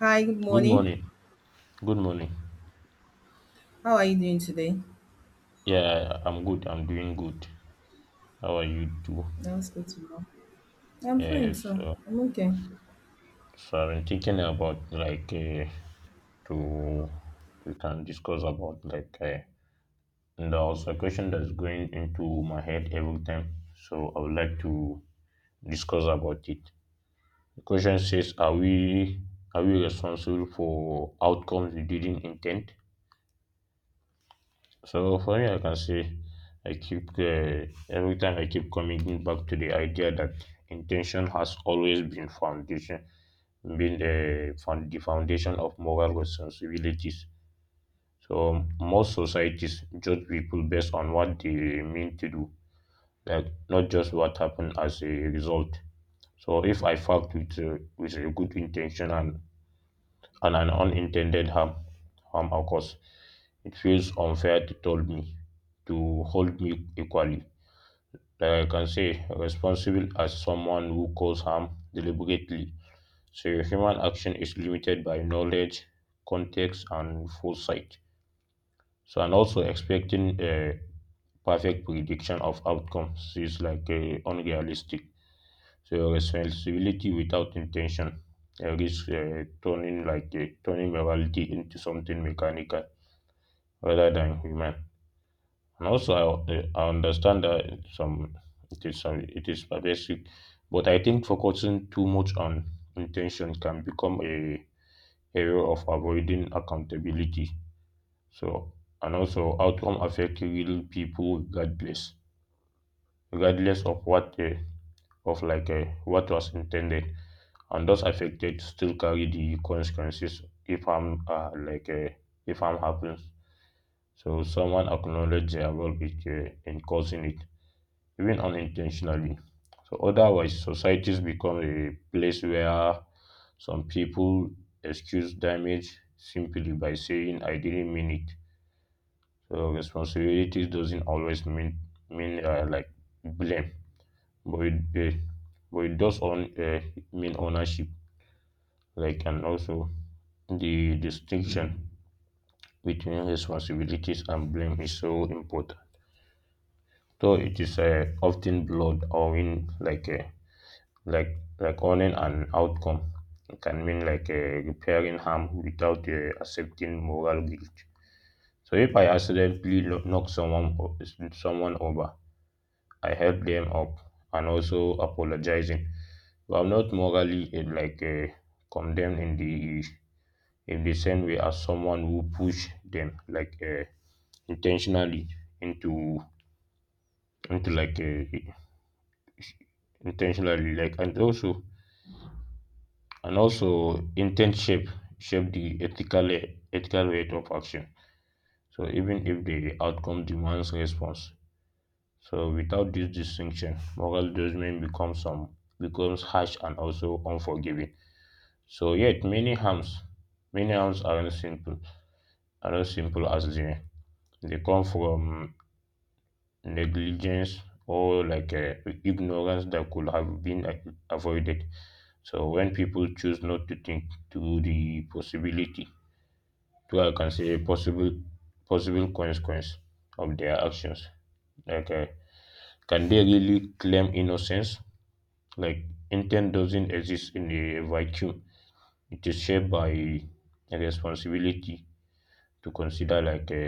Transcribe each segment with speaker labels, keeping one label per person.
Speaker 1: Hi, good
Speaker 2: Good
Speaker 1: morning.
Speaker 2: morning. Good morning.
Speaker 1: How are you doing today?
Speaker 2: Yeah, I'm good. I'm doing good. How are you too?
Speaker 1: That's good to know. Yeah, I'm fine,
Speaker 2: Yes.
Speaker 1: so
Speaker 2: So,
Speaker 1: I'm okay.
Speaker 2: so I've been thinking about to we can discuss about and there's a question that's going into my head every time. So I would like to discuss about it. The question says, are we responsible for outcomes we didn't intend? So for me, I can say I keep every time I keep coming back to the idea that intention has always been been the foundation of moral responsibilities. So most societies judge people based on what they mean to do, like not just what happened as a result. So if I fucked with a good intention and an unintended harm occurs, it feels unfair to told me to hold me equally. Like I can say responsible as someone who caused harm deliberately. So your human action is limited by knowledge, context and foresight. So and also expecting a perfect prediction of outcomes is unrealistic. So your responsibility without intention risks turning turning morality into something mechanical rather than human. And also, I understand that some some it is pervasive, but I think focusing too much on intention can become a area of avoiding accountability. So, and also, outcome affect real people regardless of what of what was intended, and those affected still carry the consequences if harm if harm happens. So, someone acknowledge their role in causing it even unintentionally. So otherwise, societies become a place where some people excuse damage simply by saying, "I didn't mean it." So responsibility doesn't always mean blame, but it, uh, but it does on mean ownership, like and also the distinction between responsibilities and blame is so important. So it is often blurred or in like owning an outcome it can mean repairing harm without accepting moral guilt. So if I accidentally knock someone over, I help them up and also apologizing. But I'm not morally condemned in the same way as someone who push them intentionally into into like intentionally like and also Intent shape the ethical rate of action, so even if the outcome demands response. So without this distinction, moral judgment becomes harsh and also unforgiving. So yet many harms aren't simple as they come from negligence or ignorance that could have been avoided. So when people choose not to think through the possibility, people can see possible consequence of their actions. Like, uh, can they really claim innocence? Like, intent doesn't exist in a vacuum. It is shaped by a responsibility to consider like a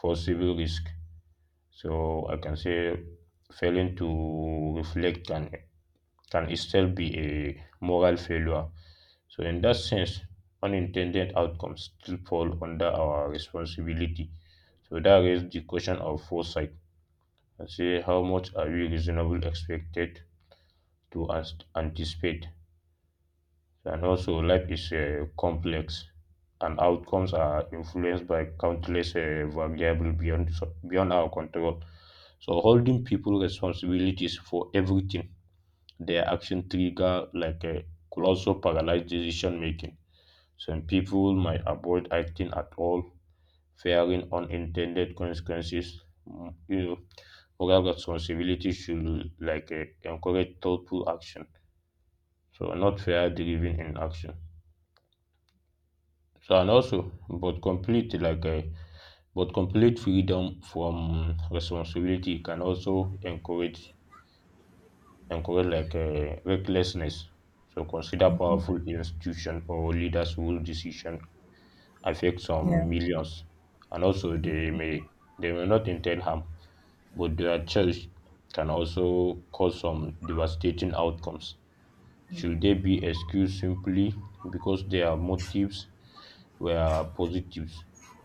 Speaker 2: possible risk. So I can say failing to reflect can itself be a moral failure. So in that sense, unintended outcomes still fall under our responsibility. So that raises the question of foresight and say how much are we reasonably expected to anticipate. So, and also, life is complex and outcomes are influenced by countless variables beyond our control. So, holding people responsibilities for everything their action trigger could also paralyze decision making. Some people might avoid acting at all, fearing unintended consequences. Mm, You know, Moral responsibility should encourage thoughtful action, so not fear driven in action. So and also, but complete freedom from responsibility can also encourage recklessness. So consider powerful institution or leaders whose decision affect some
Speaker 1: Yeah,
Speaker 2: millions, and also they may not intend harm, but their choice can also cause some devastating outcomes. Should they be excused simply because their motives were positives?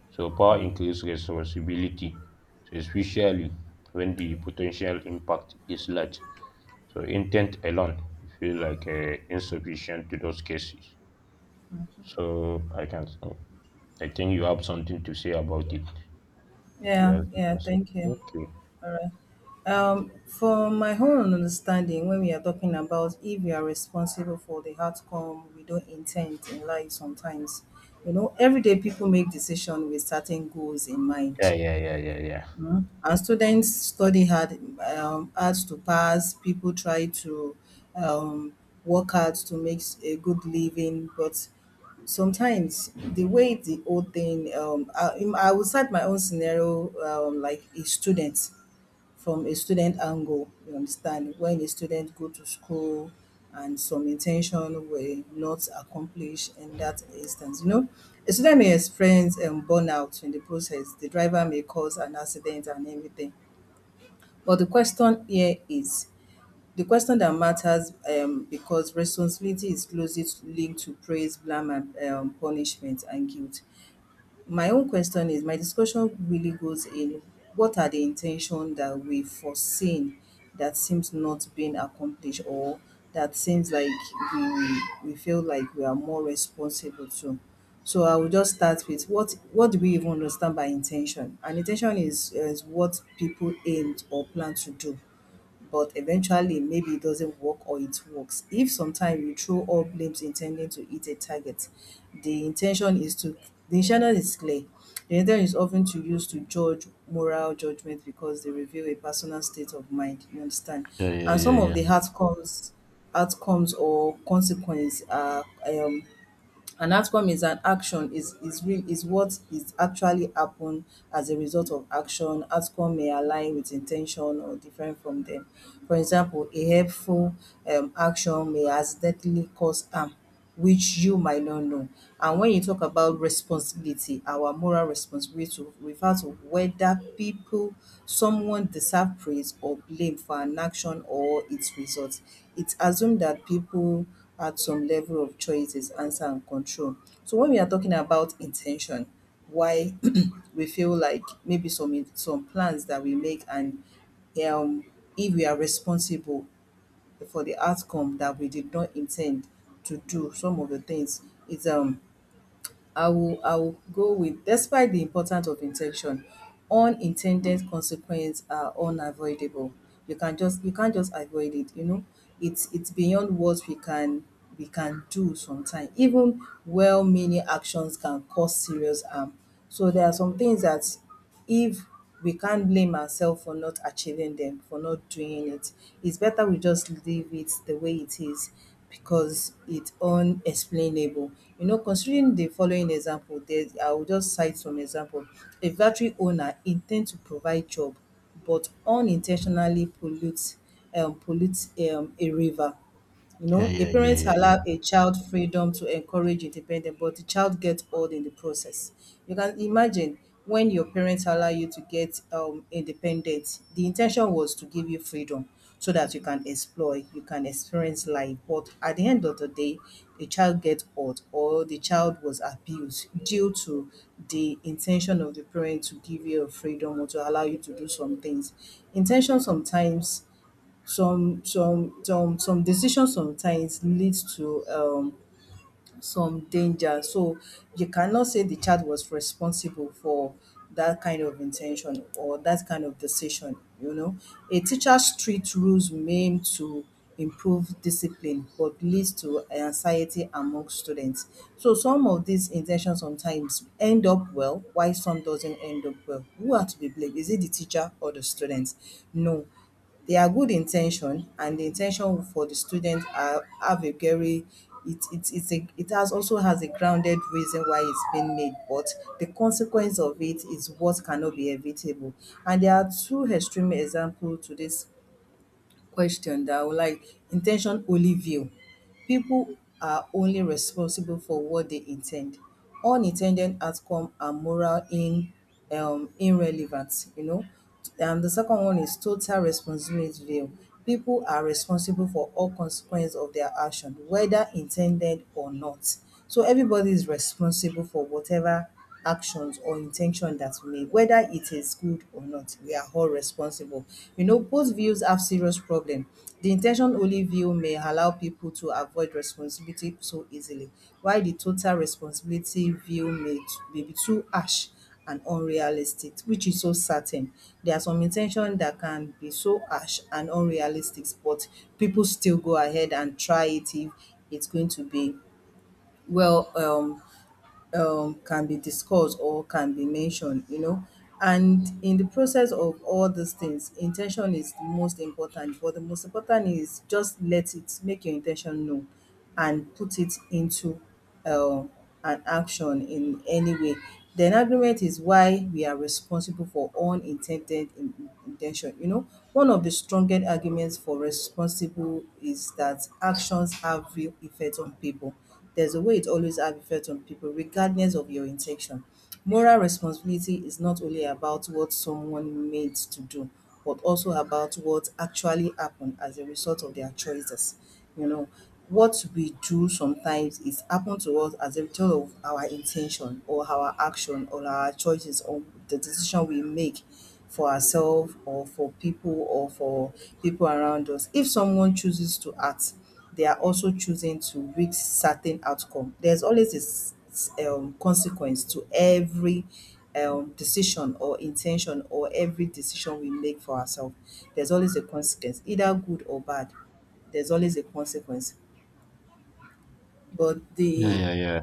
Speaker 2: So power increases responsibility, so especially when the potential impact is large. So intent alone feel insufficient to those cases. So I can, I think you have something to say about it. If you
Speaker 1: yeah,
Speaker 2: have, you
Speaker 1: yeah.
Speaker 2: can say.
Speaker 1: Thank you.
Speaker 2: Okay.
Speaker 1: All right. From my own understanding, when we are talking about if we are responsible for the outcome we don't intend in life, sometimes, you know, everyday people make decisions with certain goals in mind.
Speaker 2: Yeah, yeah, yeah, yeah, yeah.
Speaker 1: Mm. And students study hard, hard to pass. People try to um, work hard to make a good living, but sometimes the way the whole thing, I would cite my own scenario, like a student from a student angle, you understand, when a student go to school and some intention were not accomplished in that instance, you know. A student may experience burnout in the process. The driver may cause an accident and everything. But the question here is the question that matters because responsibility is closely linked to praise, blame, and punishment and guilt. My own question is, my discussion really goes in what are the intention that we foreseen that seems not being accomplished or that seems like we feel like we are more responsible to. So I will just start with what do we even understand by intention? An intention is what people aimed or plan to do but eventually maybe it doesn't work or it works. If sometimes you throw all blames intending to hit a target, the intention is to the intention is clear. The intention is often to use to judge moral judgment because they reveal a personal state of mind. You understand?
Speaker 2: Yeah, yeah,
Speaker 1: And
Speaker 2: yeah,
Speaker 1: some of
Speaker 2: yeah.
Speaker 1: the outcomes or consequences are an outcome is an action is real is what is actually happen as a result of action. Outcome may align with in ten tion or different from dem. For example, a helpful action may accidentally cause harm which you might not know. And when you talk about responsibility, our moral responsibility to refer to whether people someone deserve praise or blame for an action or its result. It assume that people add some level of choices, answer and control. So when we are talking about intention, why we feel like maybe some plans that we make and um if we are responsible for the outcome that we did not intend to do, some of the things is I will go with despite the importance of intention, unintended consequences are unavoidable. You can't just avoid it, you know. It's beyond what we can do sometimes. Even well meaning actions can cause serious harm. So there are some things that if we can't blame ourselves for not achieving them, for not doing it. It's better we just leave it the way it is because it's unexplainable. You know, considering the following example, I will just cite some example. A factory owner intends to provide job but unintentionally pollutes a river. You
Speaker 2: Yeah,
Speaker 1: know, a
Speaker 2: yeah, yeah,
Speaker 1: parent
Speaker 2: yeah, yeah.
Speaker 1: allow a child freedom to encourage independence, but the child gets old in the process. You can imagine when your parents allow you to get independent, the intention was to give you freedom so that you can explore, you can experience life. But at the end of the day, the child gets old or the child was abused due to the intention of the parent to give you a freedom or to allow you to do some things. Intention sometimes some decisions sometimes leads to some danger. So you cannot say the child was responsible for that kind of intention or that kind of decision, you know. A teacher's strict rules may aim to improve discipline but leads to anxiety among students. So some of these intentions sometimes end up well while some doesn't end up well. Who are to be blamed? Is it the teacher or the students? No. There are good intention and the intention for the student are have a very it has also has a grounded reason why it's being made but the consequence of it is what cannot be evitable, and there are two extreme example to this question that I would like intention only view. People are only responsible for what they intend. Unintended outcome are moral in irrelevant, you know. And the second one is total responsibility view. People are responsible for all consequences of their action, whether intended or not. So everybody is responsible for whatever actions or intention that we make, whether it is good or not, we are all responsible. You know, both views have serious problem. The intention only view may allow people to avoid responsibility so easily, while the total responsibility view may be too harsh and unrealistic, which is so certain. There are some intention that can be so harsh and unrealistic, but people still go ahead and try it if it's going to be well can be discussed or can be mentioned, you know. And in the process of all these things, intention is the most important. But the most important is just let it make your intention known and put it into uh, an action in any way. Then agreement is why we are responsible for intention. You know, one of the strongest arguments for responsible is that actions have real effect on people. There's a way it always have effect on people, regardless of your intention. Moral responsibility is not only about what someone made to do, but also about what actually happened as a result of their choices. You know, what we do sometimes is happen to us as a result of our intention or our action or our choices or the decision we make for ourselves or for people around us. If someone chooses to act, they are also choosing to reach certain outcome. There's always this consequence to every decision or intention or every decision we make for ourselves. There's always a consequence, either good or bad. There's always a consequence. But
Speaker 2: Yeah,
Speaker 1: the
Speaker 2: yeah, yeah.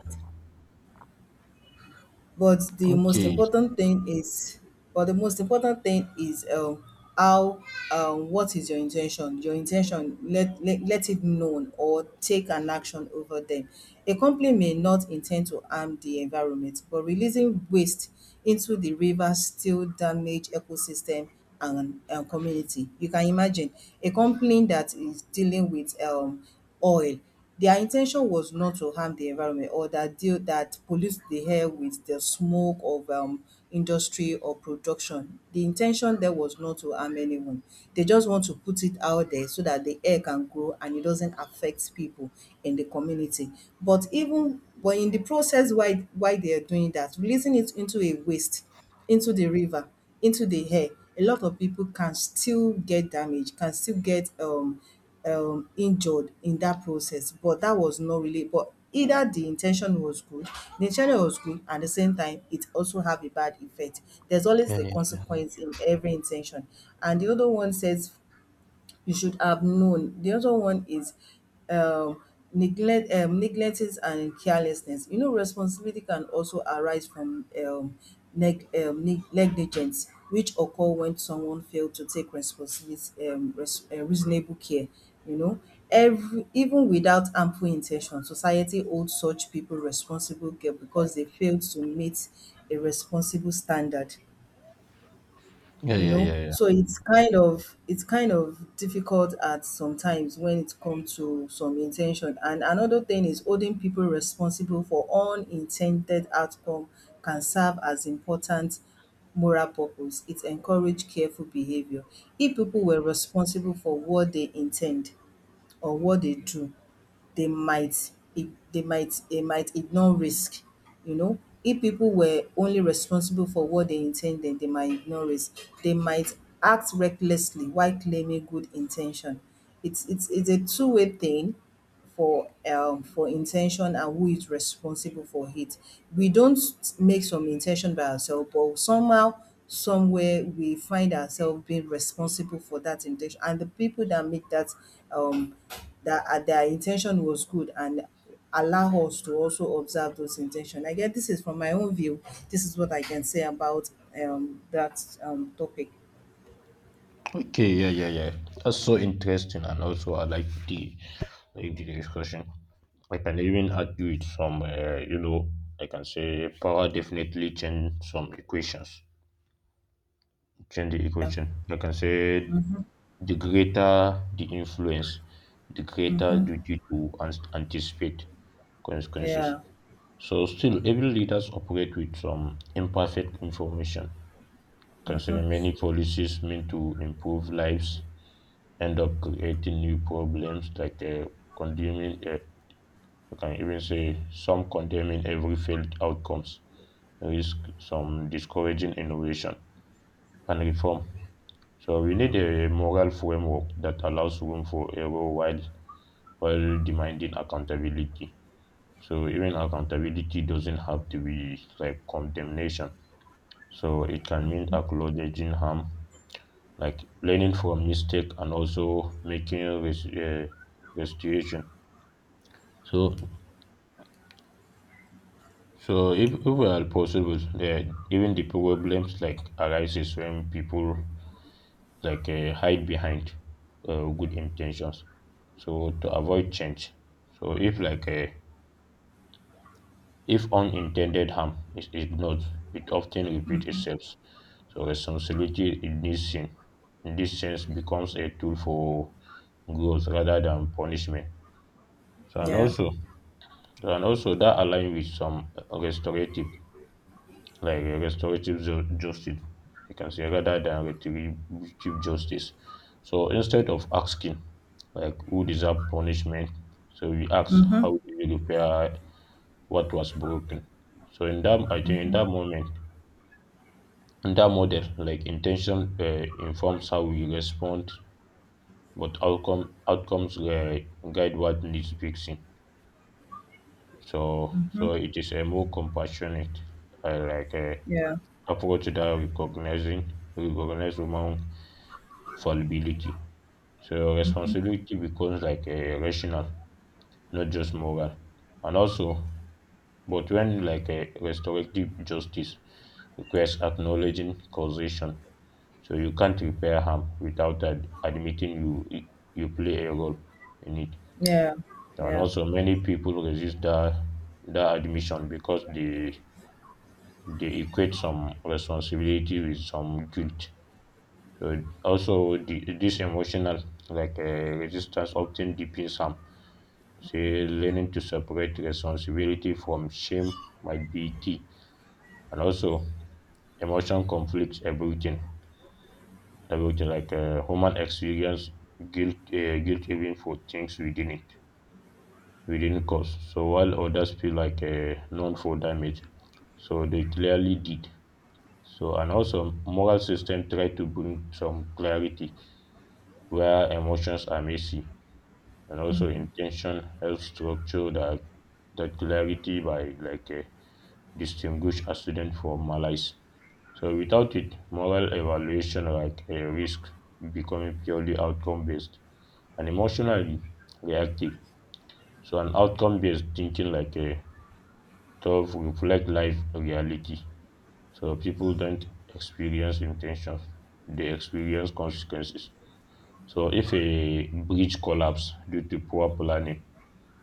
Speaker 1: but the most
Speaker 2: Okay.
Speaker 1: important thing is but the most important thing is how what is your intention. Your intention let it known or take an action over them. A company may not intend to harm the environment but releasing waste into the river still damage ecosystem and community. You can imagine a company that is dealing with oil. Their intention was not to harm the environment or that deal that pollute the air with the smoke of industry or production. The intention there was not to harm anyone. They just want to put it out there so that the air can grow and it doesn't affect people in the community. But even but in the process why they are doing that, releasing it into a waste into the river, into the air, a lot of people can still get damaged, can still get injured in that process. But that was not really, but either the intention was good, the intention was good, and at the same time, it also have a bad effect. There's always
Speaker 2: Yeah,
Speaker 1: the
Speaker 2: yeah, yeah.
Speaker 1: consequence in every intention. And the other one says you should have known. The other one is um, neglect, negligence and carelessness. You know, responsibility can also arise from negligence, which occur when someone failed to take responsibility, reasonable care. You know, every even without ample intention, society holds such people responsible care because they failed to meet a responsible standard.
Speaker 2: Yeah,
Speaker 1: You
Speaker 2: yeah,
Speaker 1: know,
Speaker 2: yeah.
Speaker 1: so it's kind of difficult at sometimes when it comes to some intention, and another thing is holding people responsible for unintended outcome can serve as important moral purpose. It encourage careful behavior. If people were responsible for what they intend or what they do, they might it, they might ignore risk. You know, if people were only responsible for what they intended, they might ignore risk, they might act recklessly while claiming good intention. It's a two-way thing for intention and who is responsible for it. We don't make some intention by ourselves, but somehow, somewhere, we find ourselves being responsible for that intention. And the people that make that um their intention was good and allow us to also observe those intention. I guess this is from my own view. This is what I can say about that topic.
Speaker 2: Okay, yeah, yeah, yeah. That's so interesting, and also I like the discussion. I can even argue with some, I can say power definitely change the equation. I can say the greater the influence, the greater duty to anticipate consequences.
Speaker 1: Yeah,
Speaker 2: So still, every leaders operate with some imperfect information. I can say many policies meant to improve lives end up creating new problems condemning, uh, I can even say some condemning every failed outcomes, risk some discouraging innovation and reform. So we need a moral framework that allows room for error while demanding accountability. So even accountability doesn't have to be like condemnation. So it can mean acknowledging harm, like learning from mistake and also making restitution. So if at possible, yeah, even the problems like arises when people hide behind good intentions, so to avoid change. So if unintended harm is ignored, it often repeats itself. So responsibility in this sense becomes a tool for growth rather than punishment. So and
Speaker 1: yeah,
Speaker 2: also so and also that align with some restorative like a restorative justice. You can say rather than retributive justice. So instead of asking like who deserve punishment, so we ask
Speaker 1: mm-hmm.
Speaker 2: how do you repair what was broken. So in that I think in that model, like intention informs how we respond, but outcomes guide what needs fixing. So so it is a more compassionate, uh, like uh,
Speaker 1: yeah,
Speaker 2: approach that recognizing recognize human solubility. So responsibility becomes like a rational, not just moral. And also, but when like a restorative justice requires acknowledging causation, so you can't repair harm without admitting you play a role in it.
Speaker 1: yeah,
Speaker 2: And
Speaker 1: yeah,
Speaker 2: also, many people resist that that admission because they equate some responsibility with some guilt. So also this emotional like uh, resistance often deepens harm. Say learning to separate responsibility from shame might be key, and also emotion conflicts everything. Everything human experience guilt even for things we didn't cause. So while others feel known for damage, so they clearly did. So and also moral system try to bring some clarity where emotions are messy, and also intention helps structure the clarity by distinguish accident from malice. So without it, moral evaluation like a risk becoming purely outcome based and emotionally reactive. So an outcome based thinking like a thought reflect life reality. So people don't experience intentions; they experience consequences. So if a bridge collapse due to poor planning,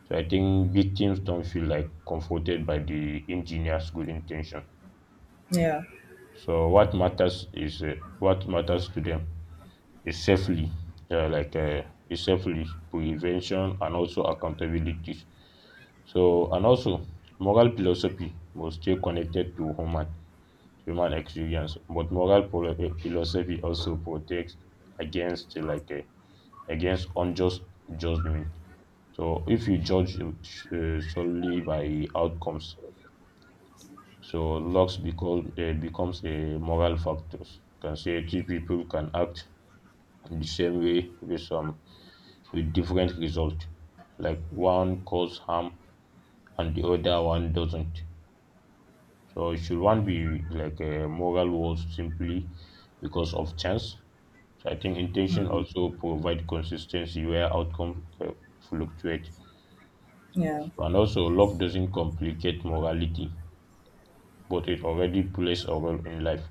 Speaker 2: so I think victims don't feel like comforted by the engineer's good intention.
Speaker 1: yeah,
Speaker 2: So what matters to them is safely, like is safely prevention and also accountability. So and also moral philosophy must stay connected to human experience, but moral philosophy also protects against against unjust judgment. So if you judge solely by outcomes, so looks because becomes a moral factor. You can say two people can act in the same way with some with different result. Like one cause harm and the other one doesn't. So it should one be like a moral was simply because of chance. So I think intention also provide consistency where outcomes fluctuate.
Speaker 1: yeah.
Speaker 2: And also luck doesn't complicate morality but it already plays a role in life.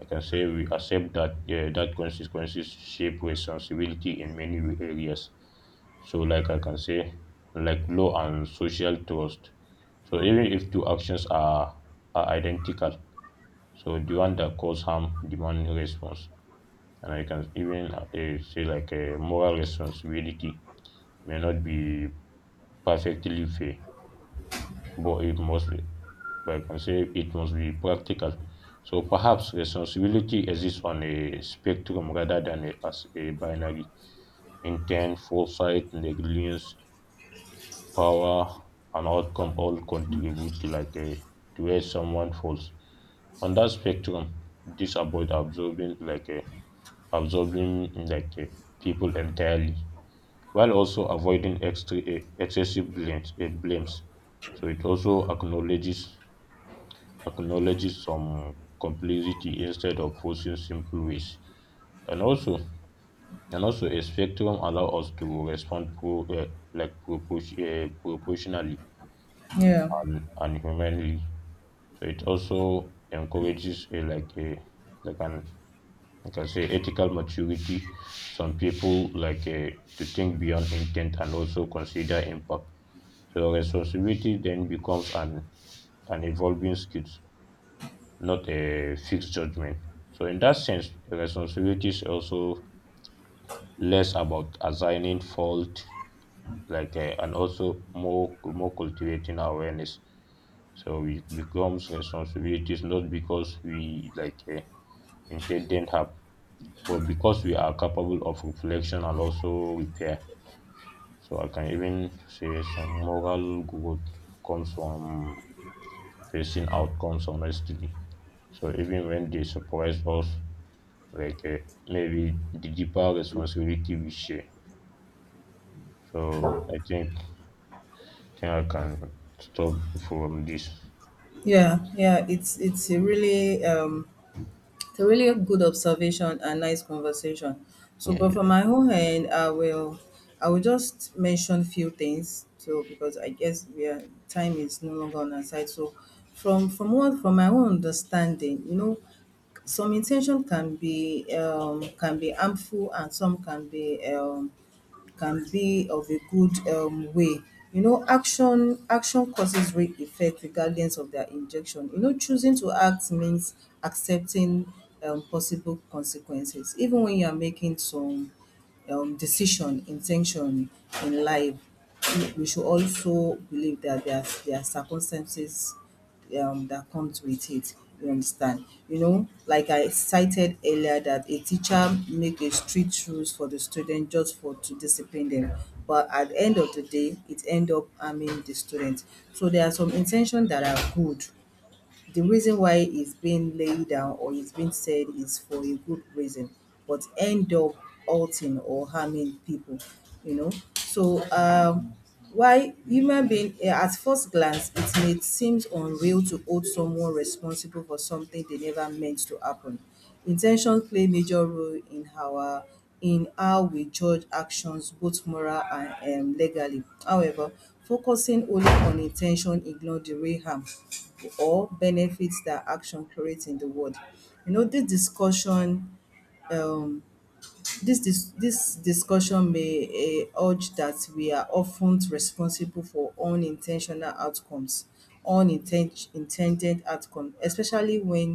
Speaker 2: I can say we accept that consequences shape responsibility in many areas. So, like I can say, like law and social trust. So even if two actions are identical, so the one that cause harm demand response, and I can even say like a moral responsibility may not be perfectly fair, but it must be, but I can say it must be practical. So perhaps responsibility exists on a spectrum rather than as a binary. Intent, foresight, negligence, power, and outcome all contribute to like a to where someone falls. On that spectrum, this about absorbing like a people entirely, while also avoiding excessive blames. So it also acknowledges some complexity instead of posing simple ways. And also, and also a spectrum allows us to respond like proportion, proportionally
Speaker 1: Yeah,
Speaker 2: and humanly. So it also encourages a like an like I can say ethical maturity. Some people to think beyond intent and also consider impact. So responsibility then becomes an evolving skill, not a fixed judgment. So, in that sense, the responsibility is also less about assigning fault, and also more cultivating awareness. So, it becomes responsibilities not because we intended have, but because we are capable of reflection and also repair. So, I can even say some moral growth comes from facing outcomes honestly. So, even when they surprise us, like uh, maybe the deeper responsibility we share. So I think I can stop from this.
Speaker 1: yeah. It's a really good observation and nice conversation. So,
Speaker 2: Yeah,
Speaker 1: but for
Speaker 2: yeah,
Speaker 1: my own end, I will just mention few things. So, because I guess we are, time is no longer on our side. So, from what from my own understanding, you know, some intention can be harmful and some can be of a good way. You know, action causes real effect regardless of their injection. You know, choosing to act means accepting possible consequences, even when you are making some decision, intention in life, we should also believe that there are circumstances that comes with it. You understand? You know, like I cited earlier, that a teacher make a strict rules for the student just for to discipline them, but at the end of the day, it end up harming the student. So there are some intention that are good, the reason why it's being laid down or it's being said is for a good reason, but end up hurting or harming people, you know. So why human being at first glance it may seem unreal to hold someone responsible for something they never meant to happen. In ten tions play major role in our in how we judge actions both moral and legally. However, focusing only on in ten tion ignore the real harm or benefits that action create in the world. You know, discussion, um this discussion may urge that we are often responsible for unintentional outcomes, intended outcomes, especially when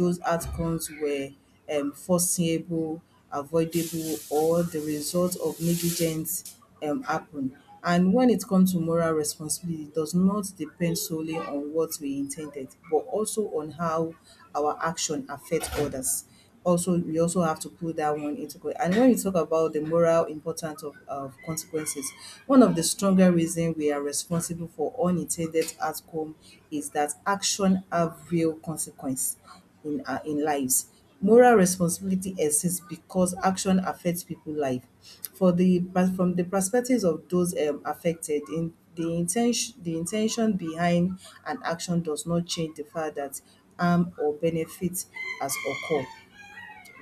Speaker 1: those outcomes were foreseeable, avoidable, or the result of negligence happen. And when it comes to moral responsibility, it does not depend solely on what we intended, but also on how our action affect others, also we also have to put that one into play. And when you talk about the moral importance of consequences, one of the stronger reasons we are responsible for unintended outcome is that action have real consequence in our in lives. Moral responsibility exists because action affects people life. For the but from the perspectives of those affected, in the intention behind an action does not change the fact that harm or benefit has occurred.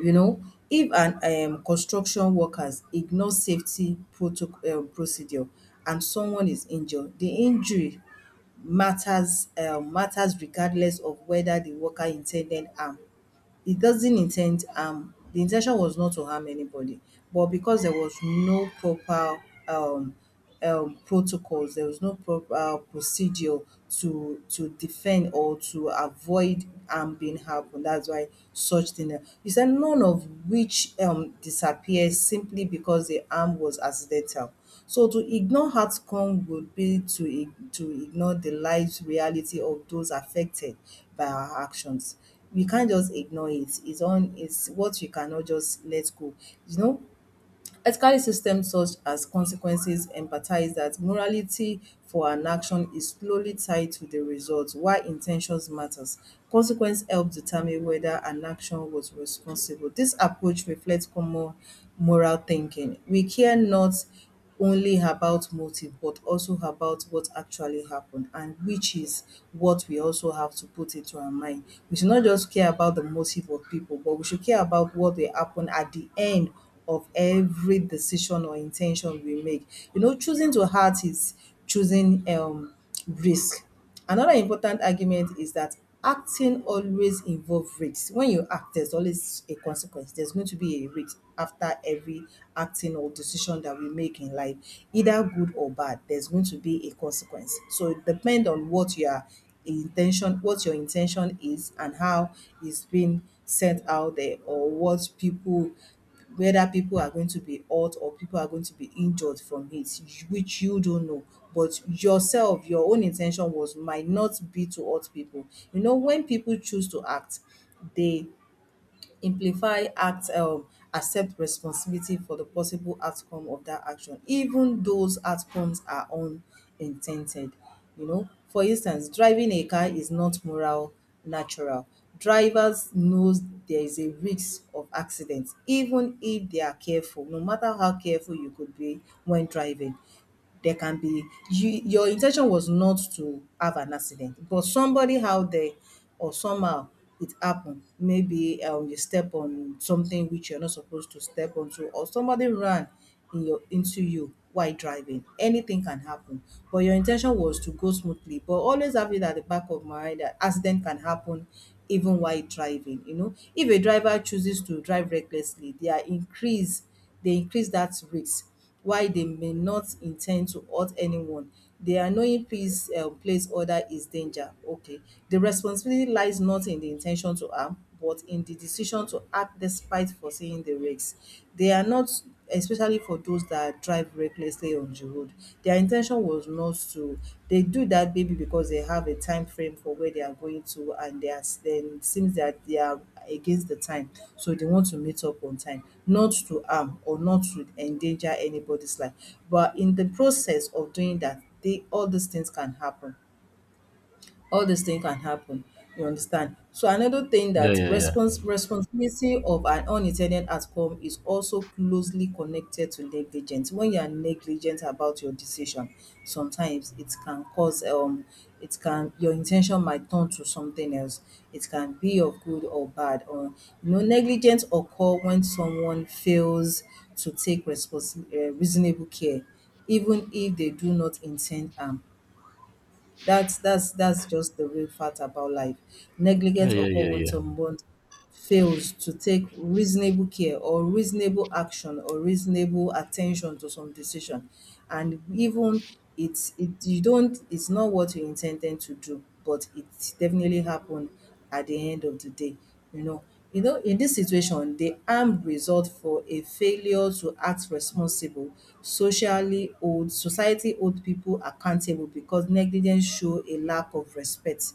Speaker 1: You know, if an construction workers ignore safety protoc procedure and someone is injured, the injury matters, matters regardless of whether the worker in ten ded harm, it doesn't intend harm. The intention was not to harm anybody, but because there was no proper um, protocols, there was no proper procedure to defend or to avoid harm being happened. That's why such thing. He said none of which disappears simply because the harm was accidental. So to ignore outcome would be to to ignore the life reality of those affected by our actions. We can't just ignore it. It's what we cannot just let go. You know, ethical systems such as consequences empathize that morality for an action is slowly tied to the result while intentions matters. Consequence help determine whether an action was responsible. This approach reflects common moral thinking. We care not only about motive but also about what actually happened, and which is what we also have to put into our mind. We should not just care about the motive of people, but we should care about what will happen at the end of every decision or intention we make. You know, choosing to hurt is choosing risk. Another important argument is that acting always involve risk. When you act, there's always a consequence. There's going to be a risk after every acting or decision that we make in life, either good or bad. There's going to be a consequence. So it depends on what your intention is, and how it's being sent out there, or what people, whether people are going to be hurt or people are going to be injured from it, which you don't know. But yourself, your own intention was might not be to hurt people. You know, when people choose to act they Simplify, act, accept responsibility for the possible outcome of that action, even those outcomes are unintended. You know, for instance, driving a car is not moral natural. Drivers knows there is a risk of accident even if they are careful, no matter how careful you could be when driving there can be, you, your intention was not to have an accident but somebody out there or somehow it happened, maybe you step on something which you're not supposed to step onto or somebody ran in your into you while driving, anything can happen. But your intention was to go smoothly, but always have it at the back of mind that accident can happen even while driving. You know, if a driver chooses to drive recklessly they are increase, they increase that risk. While they may not intend to hurt anyone, the annoying peace place order is danger. Okay. The responsibility lies not in the intention to harm, but in the decision to act despite foreseeing the risk. They are not, especially for those that drive recklessly on the road. Their in ten Intention was not to, they do that maybe because they have a time frame for where they are going to and then it seems that they are against the time, so they want to meet up on time, not to harm or not to endanger anybody's life, but in the process of doing that they all these things can happen, all these things can happen. You understand? So another thing
Speaker 2: yeah,
Speaker 1: that
Speaker 2: yeah, yeah,
Speaker 1: responsibility of an unintended outcome is also closely connected to negligence. When you are negligent about your decision sometimes it can cause it can, your intention might turn to something else, it can be of good or bad. Or you know, negligence occur when someone fails to take responsi reasonable care even if they do not intend harm. That's just the real fact about life.
Speaker 2: yeah,
Speaker 1: Negligence
Speaker 2: yeah,
Speaker 1: occur
Speaker 2: yeah,
Speaker 1: when
Speaker 2: yeah,
Speaker 1: someone fails to take reasonable care or reasonable action or reasonable attention to some decision. And even it's it you don't, it's not what you intended to do, but it definitely happened at the end of the day, you know. You know, in dis situation, the harm result for a failure to act responsible, socially hold society hold pipu accountable because negligence show a lack of respect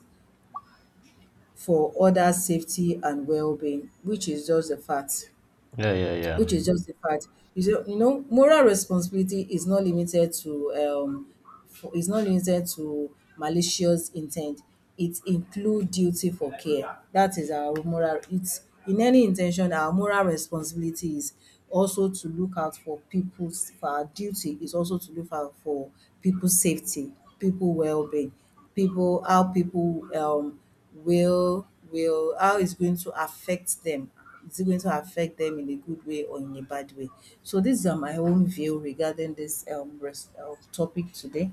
Speaker 1: for others safety and wellbeing, which is just a fact.
Speaker 2: yeah, yeah, yeah, yeah,
Speaker 1: Which is just a fact. You see, you know, moral responsibility is not limited to for is not limited to malicious intent. It include duty for care. That is our moral, it's in any in ten tion, our moral responsibility is also to look out for people's, for our duty is also to look out for people's safety, people wellbeing, people how people will how it's going to affect them, is it going to affect them in a good way or in a bad way. So these are my own view regarding this topic today.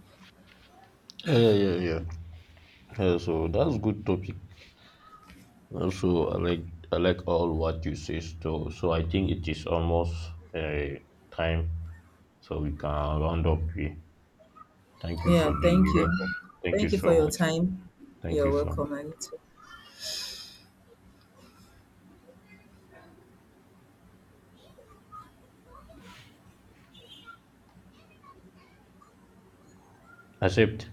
Speaker 2: yeah. Yeah. Yeah, so that's good topic. Also, I like all what you say. So, so I think it is almost uh, time, so we can round up here. Thank you
Speaker 1: Yeah,
Speaker 2: for
Speaker 1: thank
Speaker 2: the
Speaker 1: you.
Speaker 2: record. Thank you
Speaker 1: Thank you for
Speaker 2: so
Speaker 1: your
Speaker 2: much.
Speaker 1: time.
Speaker 2: Thank
Speaker 1: You're
Speaker 2: you so much.
Speaker 1: welcome, Anita.
Speaker 2: Accept.